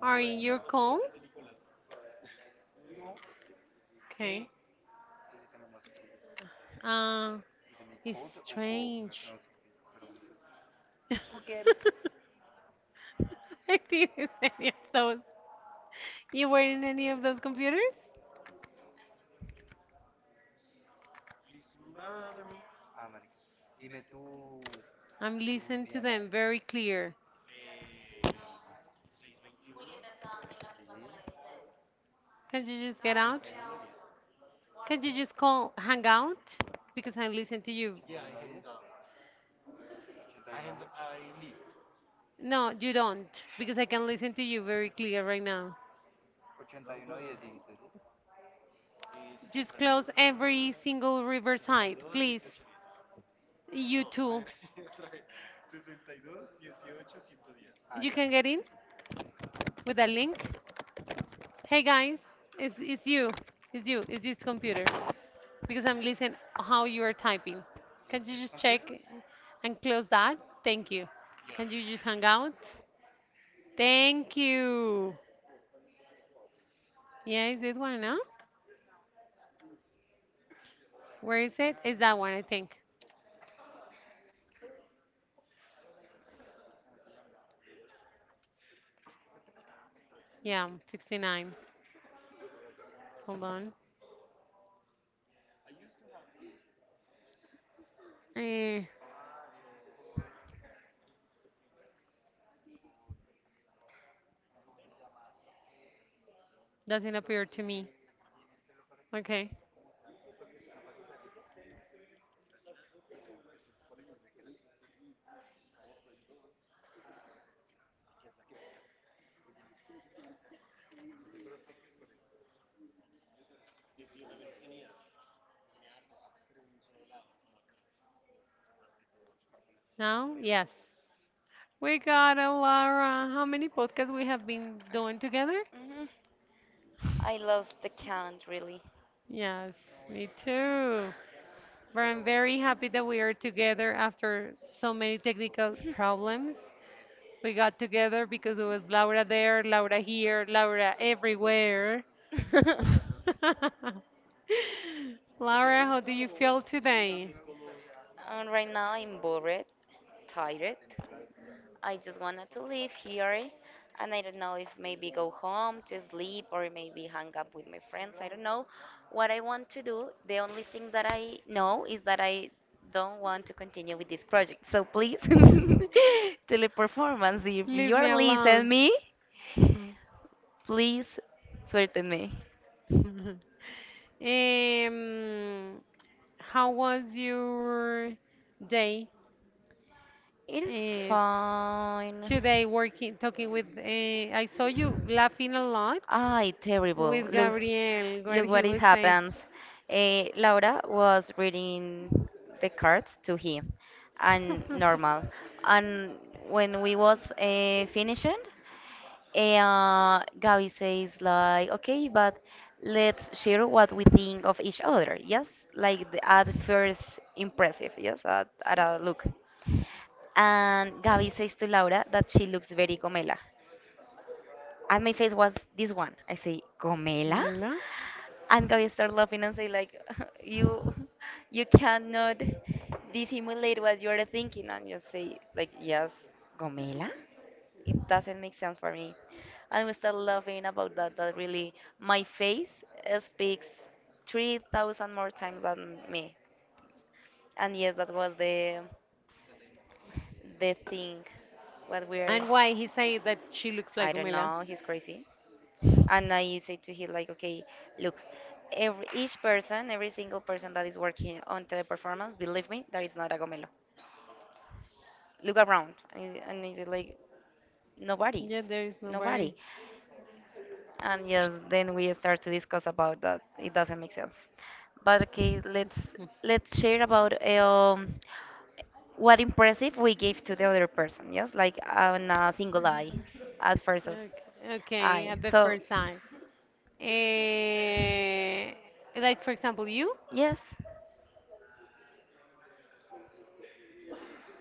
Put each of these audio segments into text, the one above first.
Are you calm? Okay. Um, it's strange. I didn't use any of those. You were in any of those computers? I'm listening to them very clear. Can't you just get out? Can't you just call hang out? Because I listen to you. No, you don't. Because I can listen to you very clear right now. Just close every single riverside, please. You too. You can get in with a link. Hey guys, it's you. It's you. It's this computer. Because I'm listening how you are typing. Can you just check and close that? Thank you. Can you just hang out? Thank you. Yeah, is it one, no? Where is it? It's that one, I think. Yeah, 69. Hold on. Eh, doesn't appear to me. Okay. Now, yes. We got it, Lara. How many podcasts we have been doing together? hmm I lost the count, really. Yes, me too. But I'm very happy that we are together after so many technical problems. We got together because it was Laura there, Laura here, Laura everywhere. And Laura, how do you feel today? right now I'm bored, tired. I just wanted to leave here, and I don't know if maybe go home to sleep or maybe hang up with my friends. I don't know what I want to do. The only thing that I know is that I don't want to continue with this project. So please, Teleperformance, if Leave you are me alone. listening me, please sweeten me. um, how was your day It is uh, fine. today working, talking with, I saw you laughing a lot. Ay, terrible. With Look, Gabriel, what look he what it would say. happens. Laura was reading the cards to him, and normal. And when we was finishing, Gabi says like, okay, but let's share what we think of each other. Yes, like at first impressive. Yes, at a look. And Gaby says to Laura that she looks very Gomela. And my face was this one. I say, Gomela? Mela? And Gaby started laughing and say like, you, you cannot dissimulate what you're thinking. And you say like, yes, Gomela? It doesn't make sense for me. And we start laughing about that really my face speaks 3,000 more times than me. And yes, that was the thing, what we're. And why he said that she looks I like don't Umela? know, he's crazy. And I say to him like, okay, look, every each person, every single person that is working on Teleperformance, believe me, there is not a gomelo. Look around, and he said like, nobody's, Yeah, there is nobody. nobody. And yes, then we start to discuss about that. It doesn't make sense. But okay, let's share about what impressive we gave to the other person. Yes, like on a single eye, at first as Okay, okay, eye. at the So first time. Eh, like for example, you? yes.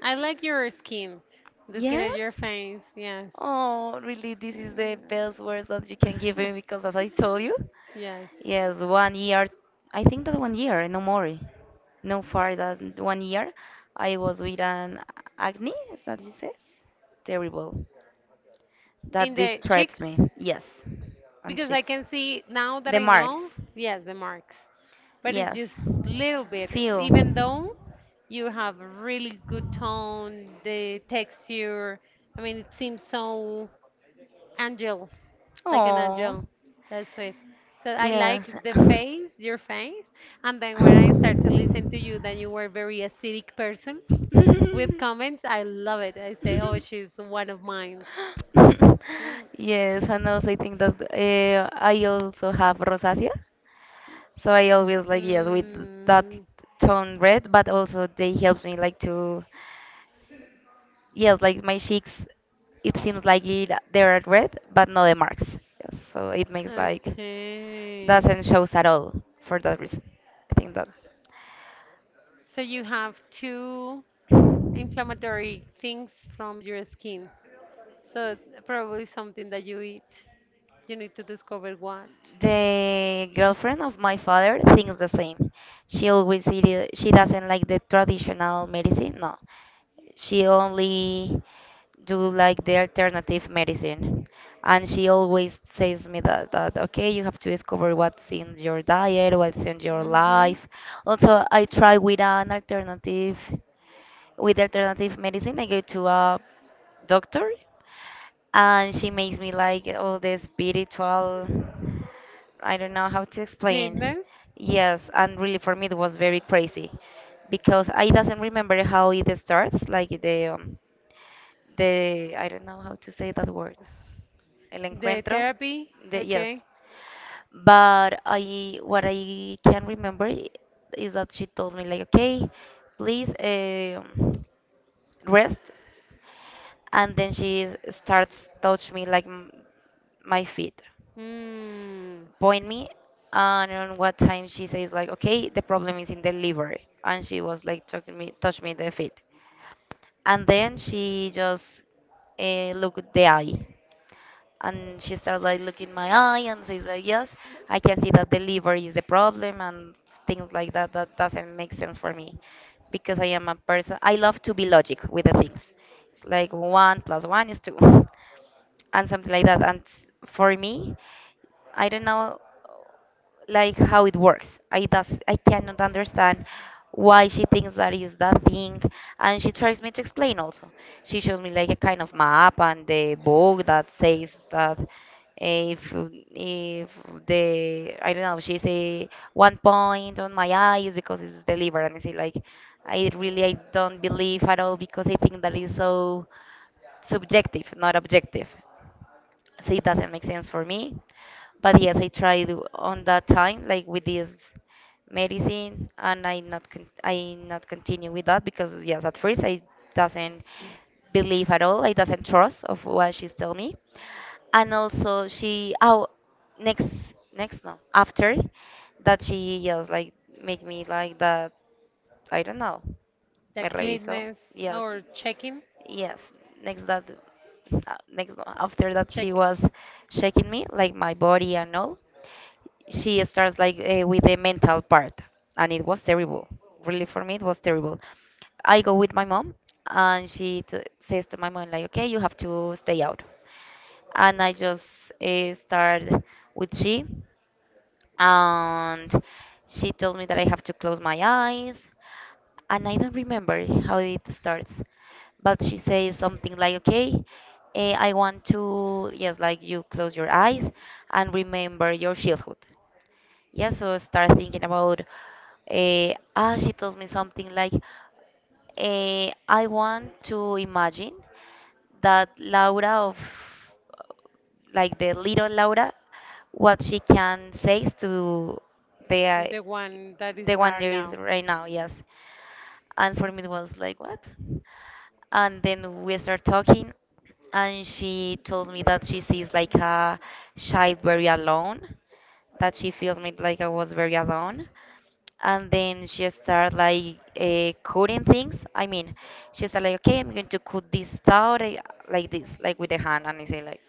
I like your skin, the skin of Yes? your face. Yes. Oh, really, this is the Mm. best word that you can give me because, as I told you, Yes. yes, one year, I think that one year, no more, no far than one year, I was with an acne, is that you says? Terrible. In That the distracts cheeks? me, yes, on Because I cheeks. can see now that The I marks, know, yes, the marks. But it's yes. just little bit. Few. Even though you have really good tone, the texture, I mean, it seems so angel, like an Oh. angel. That's it. So I Yes. like the face, your face. And then when I start to listen to you, that you were a very acidic person with comments, I love it. I say, oh, she's one of mine. Mm. Yes, and also I think that I also have rosacea. So I always like yes with that Mm. tone red, but also they help me like to, yes, like my cheeks, it seems like it, they're red, but no, the marks. Yes, so it makes like Okay. doesn't shows at all for that reason. I think that. So you have two inflammatory things from your skin. So probably something that you eat. You need to discover what. The girlfriend of my father thinks the same. She always eat, she doesn't like the traditional medicine, no. She only do like the alternative medicine. And she always says me that okay, you have to discover what's in your diet, what's in your Mm-hmm. life. Also, I try with an alternative, with alternative medicine. I go to a doctor and she makes me like all the spiritual. I don't know how to explain. Cleanness, Yes, and really for me it was very crazy because I doesn't remember how it starts, like the I don't know how to say that word. El the encuentro. therapy, The, yes. okay. But what I can remember is that she told me like, okay, please rest, and then she starts touch me like my feet, Mm, point me, and on what time she says like, okay, the problem is in the liver, and she was like touching me, touch me the feet. And then she just looked at the eye. And she started like looking my eye and says like, yes, I can see that the liver is the problem and things like that. That doesn't make sense for me because I am a person. I love to be logic with the things. It's like one plus one is two and something like that. And for me, I don't know like how it works. I cannot understand why she thinks that is that thing, and she tries me to explain also. She shows me like a kind of map and the book that says that if if the I don't know she say one point on my eye is because it's the liver, and I say like I really I don't believe at all because I think that is so subjective, not objective, so it doesn't make sense for me. But yes, I tried on that time like with this medicine, and I not continue with that because yes at first I doesn't believe at all. I doesn't trust of what she's telling me. And also she, oh, next next no, after that she, yes, like make me like that, I don't know. Me that reviso, cleanness yes. or checking, Yes, next that, next after that check. she was shaking me like my body and all. She starts like with the mental part, and it was terrible. Really, for me, it was terrible. I go with my mom, and she t says to my mom like, "Okay, you have to stay out." And I just start with she, and she told me that I have to close my eyes. And I don't remember how it starts, but she says something like, "Okay, I want to, yes, like you close your eyes and remember your childhood." Yeah, so start thinking about she told me something like I want to imagine that Laura of, like, the little Laura, what she can say to the uh, The one that the is one not there is now. right now, yes. And for me it was like, what? And then we start talking, and she told me that she sees like a child very alone, that she feels me like I was very alone. And then she started like cutting things. I mean, she said like, okay, I'm going to cut this out like this, like with the hand. And I say like,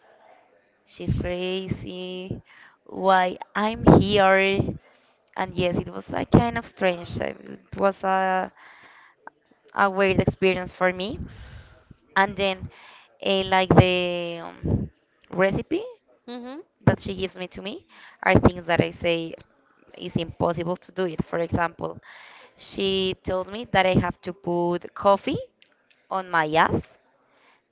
she's crazy. Why I'm here? And yes, it was like kind of strange. It was a weird experience for me. And then, like the recipe, Mm-hmm. that she gives me to me are things that I say is impossible to do it. For example, she told me that I have to put coffee on my ass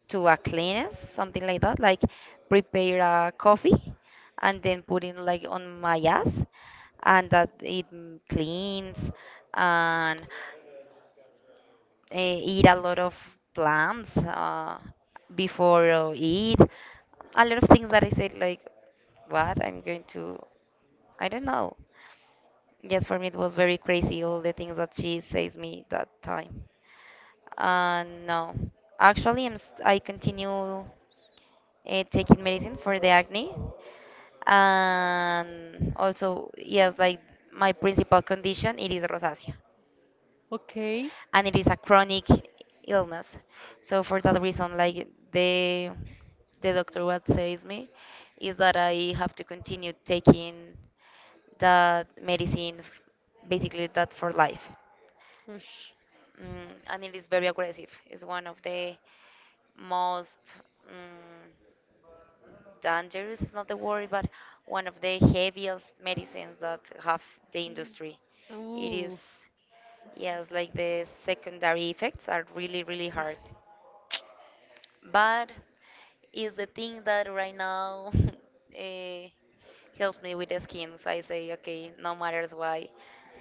to a cleanse, something like that, like prepare a coffee and then put it like on my ass and that it cleans and uh, eat a lot of plants before eat. A lot of things that I said, like, what? I'm going to, I don't know. Yes, for me it was very crazy, all the things that she says me that time. No. Actually, I continue taking medicine for the acne. And also, yes, like my principal condition, it is rosacea, Okay. and it is a chronic illness. So for that reason, like the doctor what says me is that I have to continue taking that medicine, basically that for life, Ush. And it is very aggressive. It's one of the most mm, dangerous, is not the word, but one of the heaviest medicines that have the industry. It is, Ooh. yes, like the secondary effects are really, really hard. But is the thing that right now uh, helps me with the skin. So I say, okay, no matters why,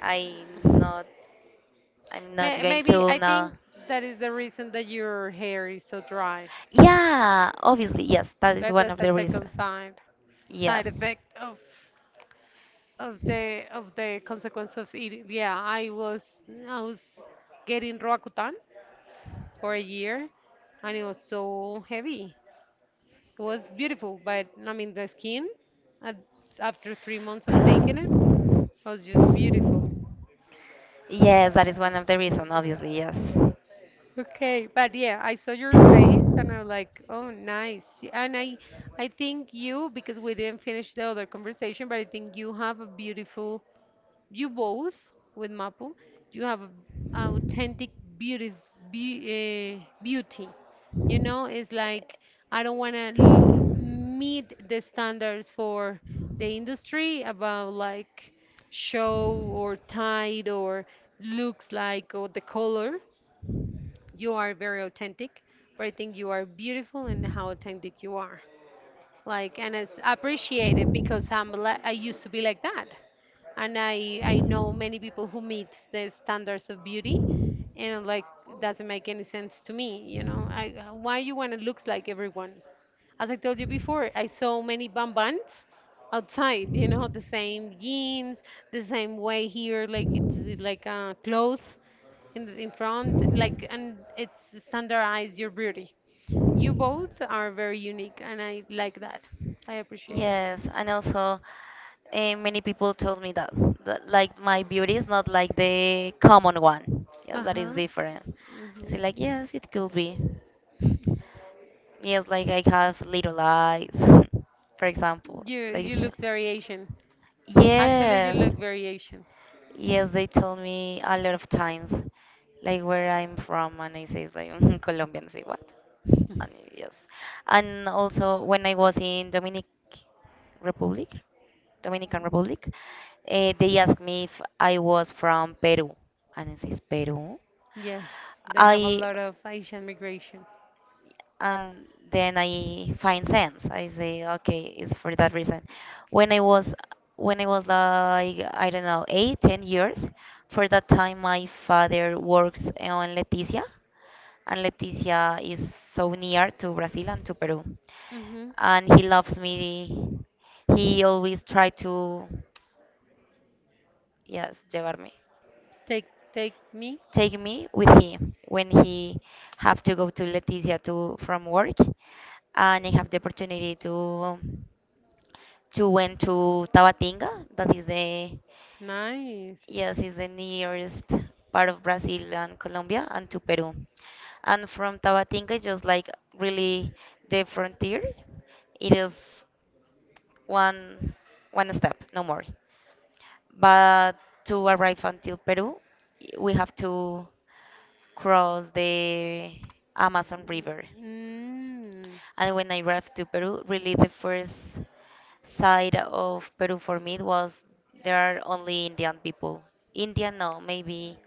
I not. I'm not May going maybe to I now. think that is the reason that your hair is so dry. Yeah, obviously, yes, that is That one of that's a the reasons. second side side Yes. effect of of the consequence of eating. Yeah, I was getting Roacutan for a year, and it was so heavy. It was beautiful, but I mean, the skin at, after 3 months of taking it was just beautiful. Yes, that is one of the reasons, obviously, yes. Okay, but yeah, I saw your face and I was like, oh, nice. And I think you, because we didn't finish the other conversation, but I think you have a beautiful you both with Mapu, you have a authentic beauty, be, beauty. You know, it's like I don't want to l- meet the standards for the industry about like show or tight or looks like or the color. You are very authentic, but I think you are beautiful and how authentic you are. Like, and it's appreciated because I'm li- I used to be like that and I know many people who meet the standards of beauty, and I'm like doesn't make any sense to me. You know, I why you wanna looks like everyone? As I told you before, I saw many bambans outside. You know, the same jeans, the same way here, like it's like a cloth in the, in front, like and it's standardized your beauty. You both are very unique, and I like that. I appreciate it. Yes, and also many people told me that like my beauty is not like the common one. Yes, Uh that is huh. different. They say Mhm. like, yes, it could be. Yes, like I have little eyes, for example. You Like, you looks very Asian. Actually, you yes. look very Asian. Yes, they told me a lot of times, like where I'm from, and I say it's like Colombian. Say what? And yes, and also when I was in Dominic Republic, Dominican Republic, they asked me if I was from Peru, and I says Peru. Yes, they have a I lot of Asian migration. And then I find sense. I say, okay, it's for that reason. When I was like I don't know 8, 10 years, for that time my father works on Leticia, and Leticia is so near to Brazil and to Peru, Mm-hmm. and he loves me. He always try to, yes, llevarme. Take take me. Take me with him when he have to go to Leticia to from work, and I have the opportunity to went to Tabatinga, that is the, Nice. yes, is the nearest part of Brazil and Colombia, and to Peru. And from Tabatinga, it's just like really the frontier, it is one one step, no more. But to arrive until Peru, we have to cross the Amazon River. Mm. And when I arrived to Peru, really the first side of Peru for me was there are only Indian people. Indian, no, maybe,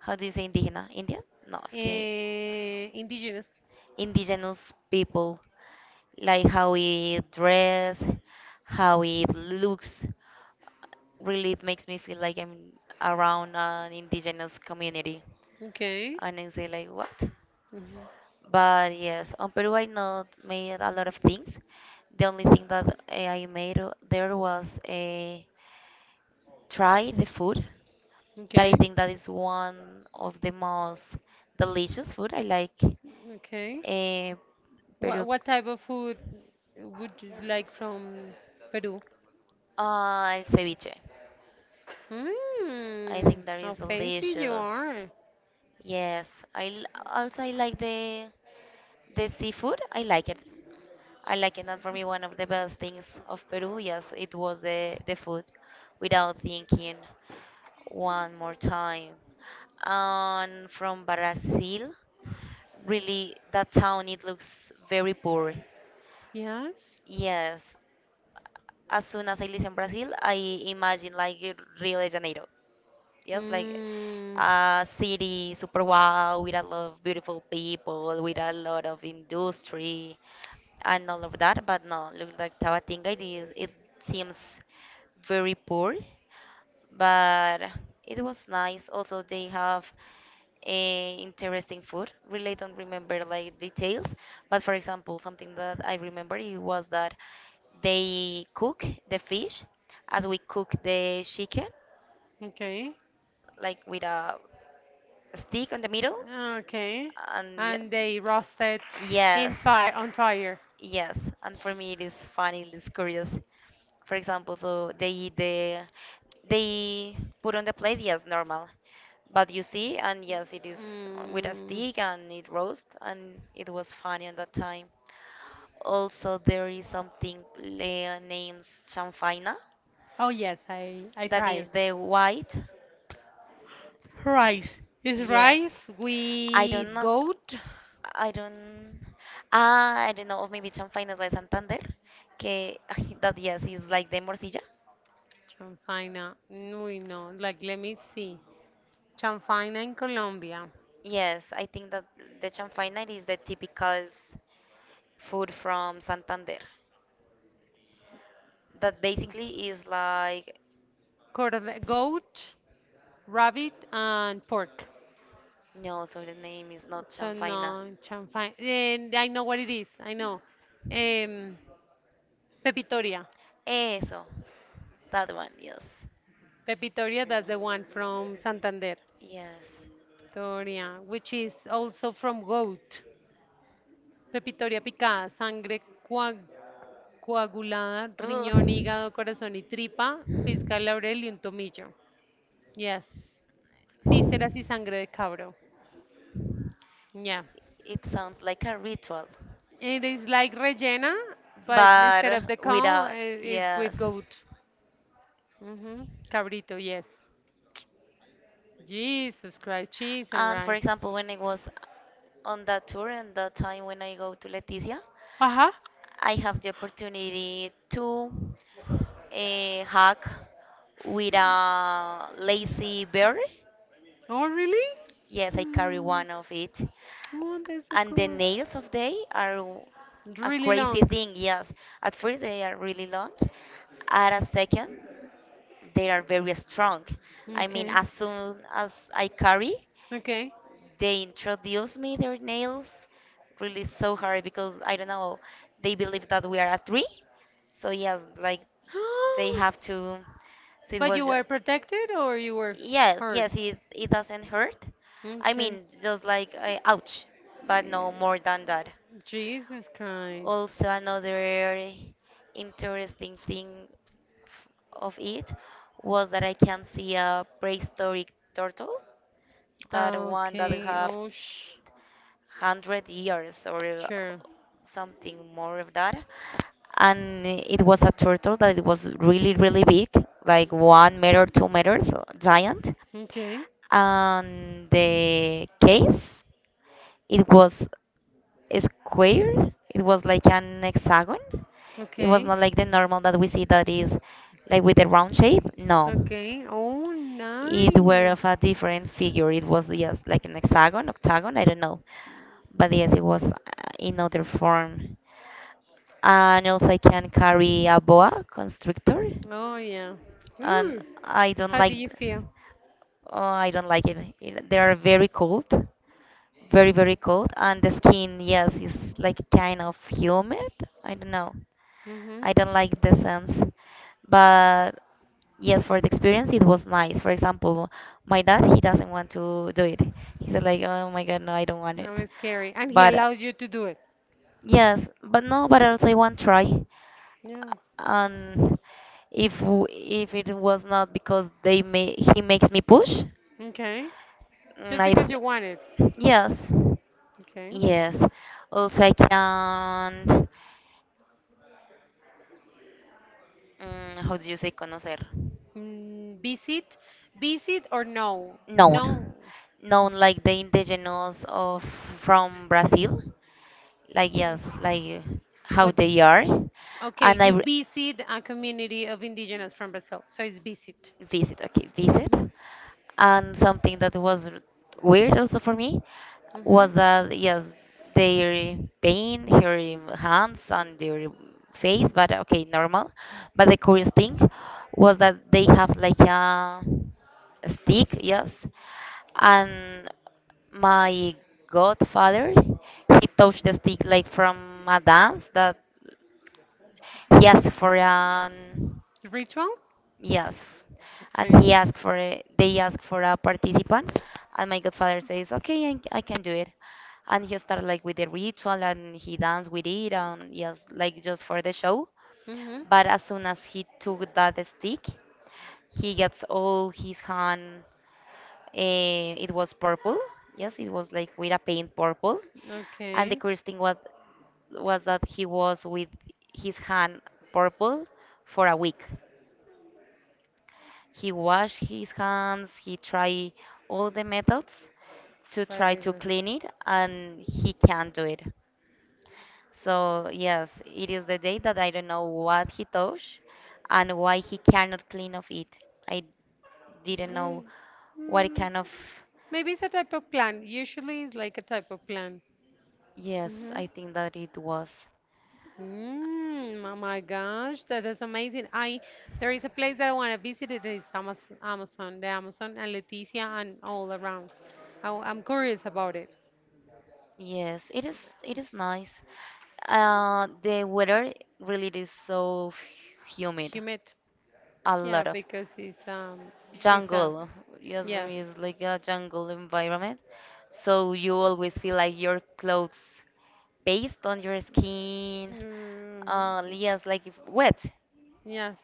how do you say indígena? Indian? No, es que Eh, indigenous. indigenous people, like how we dress, how it looks. Really, it makes me feel like I'm around an indigenous community. Okay. And I say, like, what? Mhm. But yes, on Peru I not made a lot of things. The only thing that I made there was a try the food. That I Okay. think that is one of the most delicious food I like. Okay. Uh, Peru, What type of food would you like from Peru? Ceviche. I Mm. think that is How fancy you delicious. are. Yes, also I like the seafood. I like it. I like it. And for me, one of the best things of Peru, yes, it was the food. Without thinking, one more time. And from Brazil, really, that town it looks very poor. Yes. Yes, as soon as I live in Brazil, I imagine like Rio de Janeiro. Yes, like Mm. a city super wow with a lot of beautiful people, with a lot of industry and all of that. But no, look like Tabatinga, it is, it seems very poor but it was nice. Also, they have a interesting food. Really don't remember like details, but for example, something that I remember it was that they cook the fish as we cook the chicken, Okay. like with a stick on the middle, Okay. and yeah. And they roasted in Yes. fire on fire. Yes, and for me it is funny, it is curious. For example, so they put on the plate, yes, normal, but you see, and yes, it is with a Mm. stick and it roast, and it was funny at that time. Also, there is something named chanfaina, Oh yes, I that try is it. the white. Rice. Is Yeah, rice I don't with know. goat? I don't. Ah, I don't know. Or maybe Chanfaina de Santander. Que, that, yes, is like the morcilla. Chanfaina. No, no. Like let me see. Chanfaina in Colombia. Yes, I think that the Chanfaina is the typical food from Santander. That basically is like. Corn- Goat, rabbit, and pork. No, so the name is not So Chanfaina. no, champagne. And I know what it is. I know. Um, Pepitoria. Eso. That one, yes. Pepitoria, that's the one from Santander. Yes. Pepitoria, which is also from goat. Pepitoria picada, sangre coag- coagulada, riñón, Ugh. hígado, corazón y tripa, pizca de laurel y un tomillo. Yes. Vísceras y sangre de cabro. Yeah. It sounds like a ritual, It is like rellena, but but instead of the cow, without, it's yes. with goat. Hmm. Cabrito, yes. Jesus Christ, cheese and And for rice. example, when I was on that tour and that time when I go to Leticia, Uh-huh. I have the opportunity to hug with a lazy bear. Oh, really? Yes, I carry Mm. one of it. Oh, that's so And the cool. nails of they are a Really crazy long. thing. Yes, at first they are really long. At a second, they are very strong. I mean, Okay. as soon as I carry, Okay. they introduce me their nails really so hard because I don't know, they believe that we are a three. So yes, like they have to. So it But was you just. were protected or you were Yes, hurt? yes, it doesn't hurt. I Okay. mean, just like ouch, but Yeah. no more than that. Jesus Christ. Also, another interesting thing f- of it was that I can see a prehistoric turtle, that one that Okay. have Oh, sh. hundred years or Sure. something more of that. And it was a turtle that it was really, really big, like 1 meter, 2 meters, giant. Okay. And the case, it was square. It was like an hexagon. It was Okay. not like the normal that we see that is like with a round shape. No. Okay. Oh, It were nice. of a different figure. It was just like an hexagon, octagon, I don't know. But yes, it was in other form and also I can carry a boa constrictor, Oh, yeah. Hmm. and I don't How do like. you feel? Oh, I don't like it. It- They are very cold, very cold, and the skin, yes, is like kind of humid. I don't know. Mm-hmm. I don't like the scents, but yes, for the experience, it was nice. For example, my dad, he doesn't want to do it. He said like, oh my God, no, I don't want That it. was scary. And he But allows you to do it. yes, but no, but also I want try. Yeah. And if it was not because they may he makes me push, Okay. Just I because th you want it. yes, Okay. yes. Also I can how do you say conocer? Mm, visit? Visit or no? Known, No. known like the indigenous of from Brazil. Like yes, like how What? they are, Okay, and you visit a community of indigenous from Brazil. So it's visit. visit, okay, visit, Mm-hmm. and something that was weird also for me Mm-hmm. was that yes they pain, her hands and their face but okay normal but the curious thing was that they have like a stick yes and my godfather he touched the stick like from a dance that he asked for an Ritual? Yes. And Okay. he asked for a, they asked for a participant, and my godfather says, "Okay, I can do it." And he started like with the ritual, and he danced with it, and yes, like just for the show. Mhm. But as soon as he took that stick, he gets all his hand. It was purple. Yes, it was like with a paint purple. And the Okay. curious thing was that he was with his hand purple for a week. He washed his hands, he tried all the methods to try Very to good. clean it, and he can't do it. So, yes, it is the day that I don't know what he touched and why he cannot clean off it. I didn't know Mm. what Mm. kind of. Maybe it's a type of plan. Usually it's like a type of plan. Yes, Hmm. I think that it was. Mm, oh my gosh, that is amazing. I there is a place that I want to visit. It is Amazon, Amazon, the Amazon and Leticia and all around. I, am curious about it. Yes, it is. It is nice. The weather really is so humid, Humid, a yeah, lot of. because it's Jungle. Yes, for yes. me, it's like a jungle environment. So you always feel like your clothes based on your skin. Mm, Yes, like if wet. yes,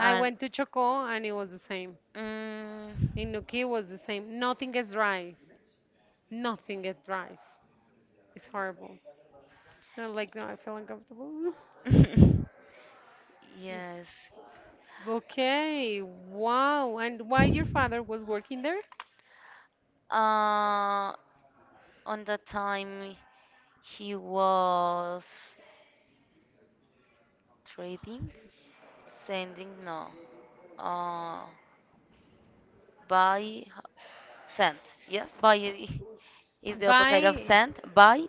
I went to Chocó and it was the same. mm, In Nuquí was the same. Nothing gets dries. Nothing gets dries. It's horrible. I don't like, no, I feel uncomfortable. yes. Okay, wow. And why your father was working there? Uh, on the time he was trading, sending, no. Uh, by sent. Yes, by is the opposite of Buy, sent. By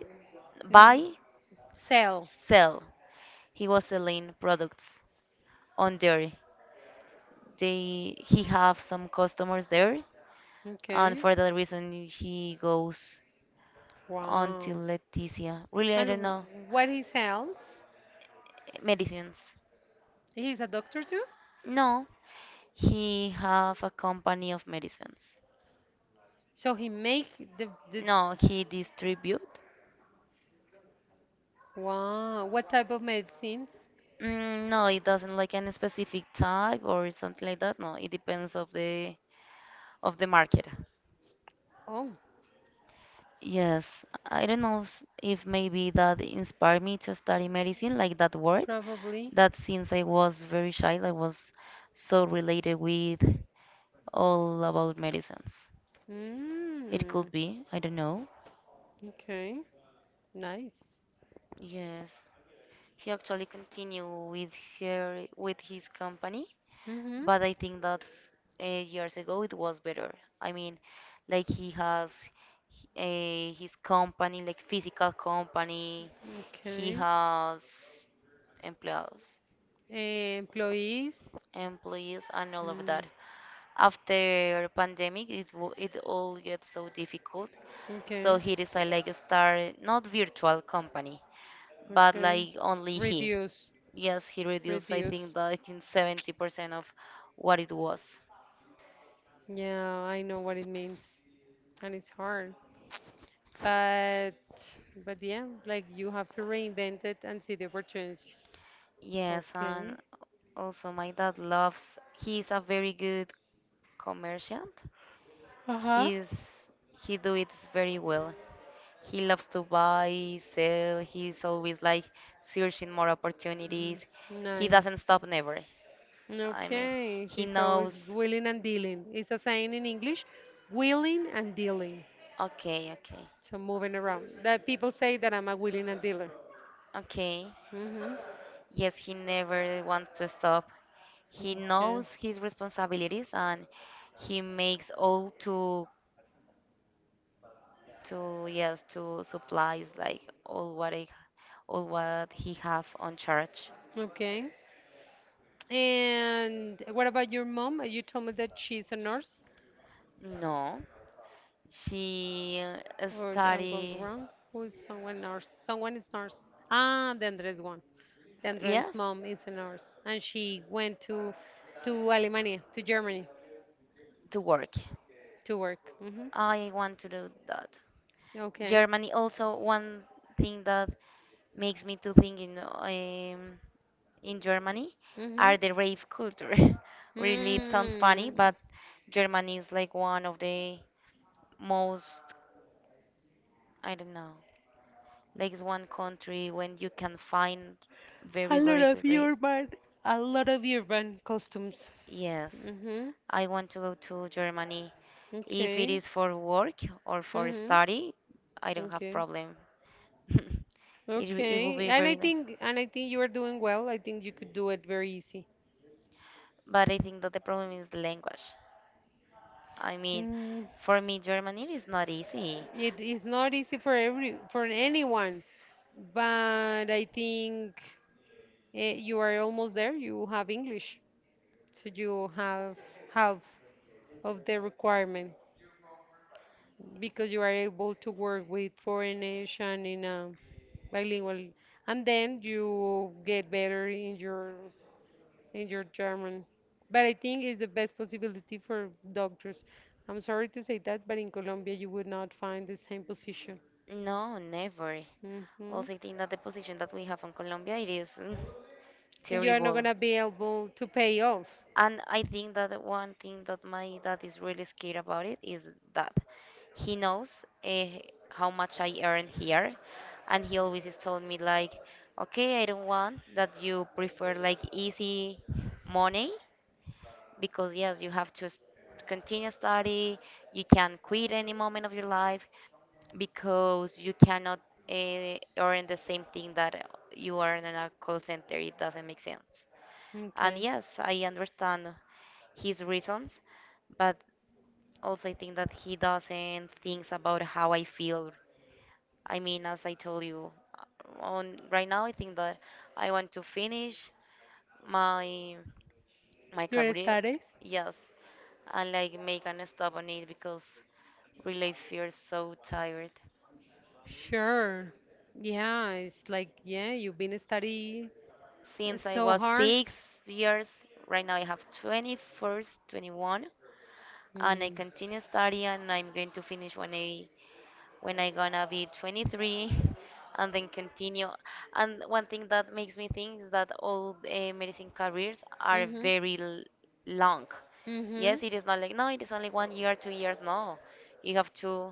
mm, by sell. sell. He was selling products on there. They he have some customers there, and Okay. for that reason he goes on to Wow. Leticia. Really, I And don't w- know what he sells? medicines. He's a doctor too? No, he have a company of medicines. So he make the No, he distribute. wow. What type of medicines? Mm, no, it doesn't like any specific type or something like that. No, it depends of the market. Oh, Yes, I don't know if maybe that inspired me to study medicine, like that word, probably. that since I was very child, I was so related with all about medicines. It Mm, could be, I don't know. okay, nice. Yes, he actually continued with her with his company Mm-hmm. but I think that years ago it was better. I mean, like he has his company, like physical company. He Okay. has employees, Eh, employees. And all of Mm, that. After pandemic, it all gets so difficult. So okay. he decided like start not virtual company, but Okay. like only he. Reduce. Yes, he reduced I Reduce. think that in 70% of what it was. Yeah, I know what it means, and it's hard. But but yeah, like you have to reinvent it and see the opportunity. Yes, and Okay. also my dad loves. He's a very good commerciant. Uh-huh. He's he do it very well. He loves to buy, sell. He's always like searching more opportunities. He doesn't Nice. stop never. I mean, Okay, he he's always knows. willing and dealing. It's a saying in English, willing and dealing. Okay, okay, So moving around. That people say that I'm a willing and dealer. okay. Hmm. Yes, he never wants to stop. He Okay. knows his responsibilities and he makes all to yes to supplies like all what he have on charge. Okay. And what about your mom? You told me that she's a nurse, No, she or I'm going study wrong. Who is someone nurse? Someone is nurse. Ah, the Andres one. The Andren's yes mom is a nurse, and she went to Alemania, to Germany, to work. to work. Hmm. I want to do that. Okay. Germany also one thing that makes me to think in Germany Hmm. are the rave culture. Really, it sounds funny, Mm. but Germany is like one of the most, I don't know, like it's one country when you can find very, A lot very of good rave. urban, a lot of urban costumes. Yes, Hmm. I want to go to Germany. If it Okay. is for work or for Hmm. study, I don't have Okay. problem. It will Okay. be very nice. And I think you are doing well. I think you could do it very easy. But I think that the problem is the language. I mean, Mm, for me, Germany is not easy. it is not easy for every for anyone. But I think you are almost there. You have English, so you have half of the requirement because you are able to work with foreign nation in a bilingual, and then you get better in your German. But I think it's the best possibility for doctors. I'm sorry to say that, but in Colombia you would not find the same position. No, never. Hmm. Also, I think that the position that we have in Colombia, it is And you are not terrible. gonna be able to pay off. And I think that the one thing that my dad is really scared about it is that he knows how much I earn here, and he always is told me like, okay, I don't want that you prefer like easy money because yes, you have to continue study. You can quit any moment of your life because you cannot earn the same thing that you earn in a call center. It doesn't make sense. And Okay. yes, I understand his reasons, but also I think that he doesn't think about how I feel. I mean, as I told you, uh, on right now I think that I want to finish my my Your career, studies? yes, I like make an stop on it because really feels so tired. Sure. Yeah, it's like, yeah, you've been studying Since I so was hard. 6 years, right now I have 24, 21, and I continue studying. And I'm going to finish when I gonna be 23, and then continue. And one thing that makes me think is that all medicine careers are Mm. very long. Mm-hmm. Yes, Mm-hmm. it is not like no, it is only 1 year, 2 years. No, you have to.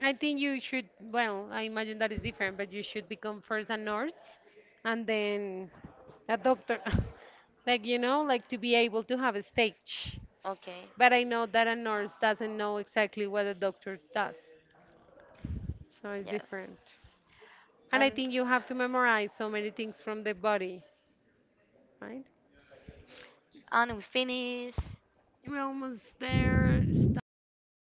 I think you should, well, I imagine that is different, but you should become first a nurse and then a doctor. Like, you know, like to be able to have a stage. Okay, But I know that a nurse doesn't know exactly what a doctor does, so it's yes. different. And I And think you have to memorize so many things from the body, right? and we finish. We're almost there. Stop.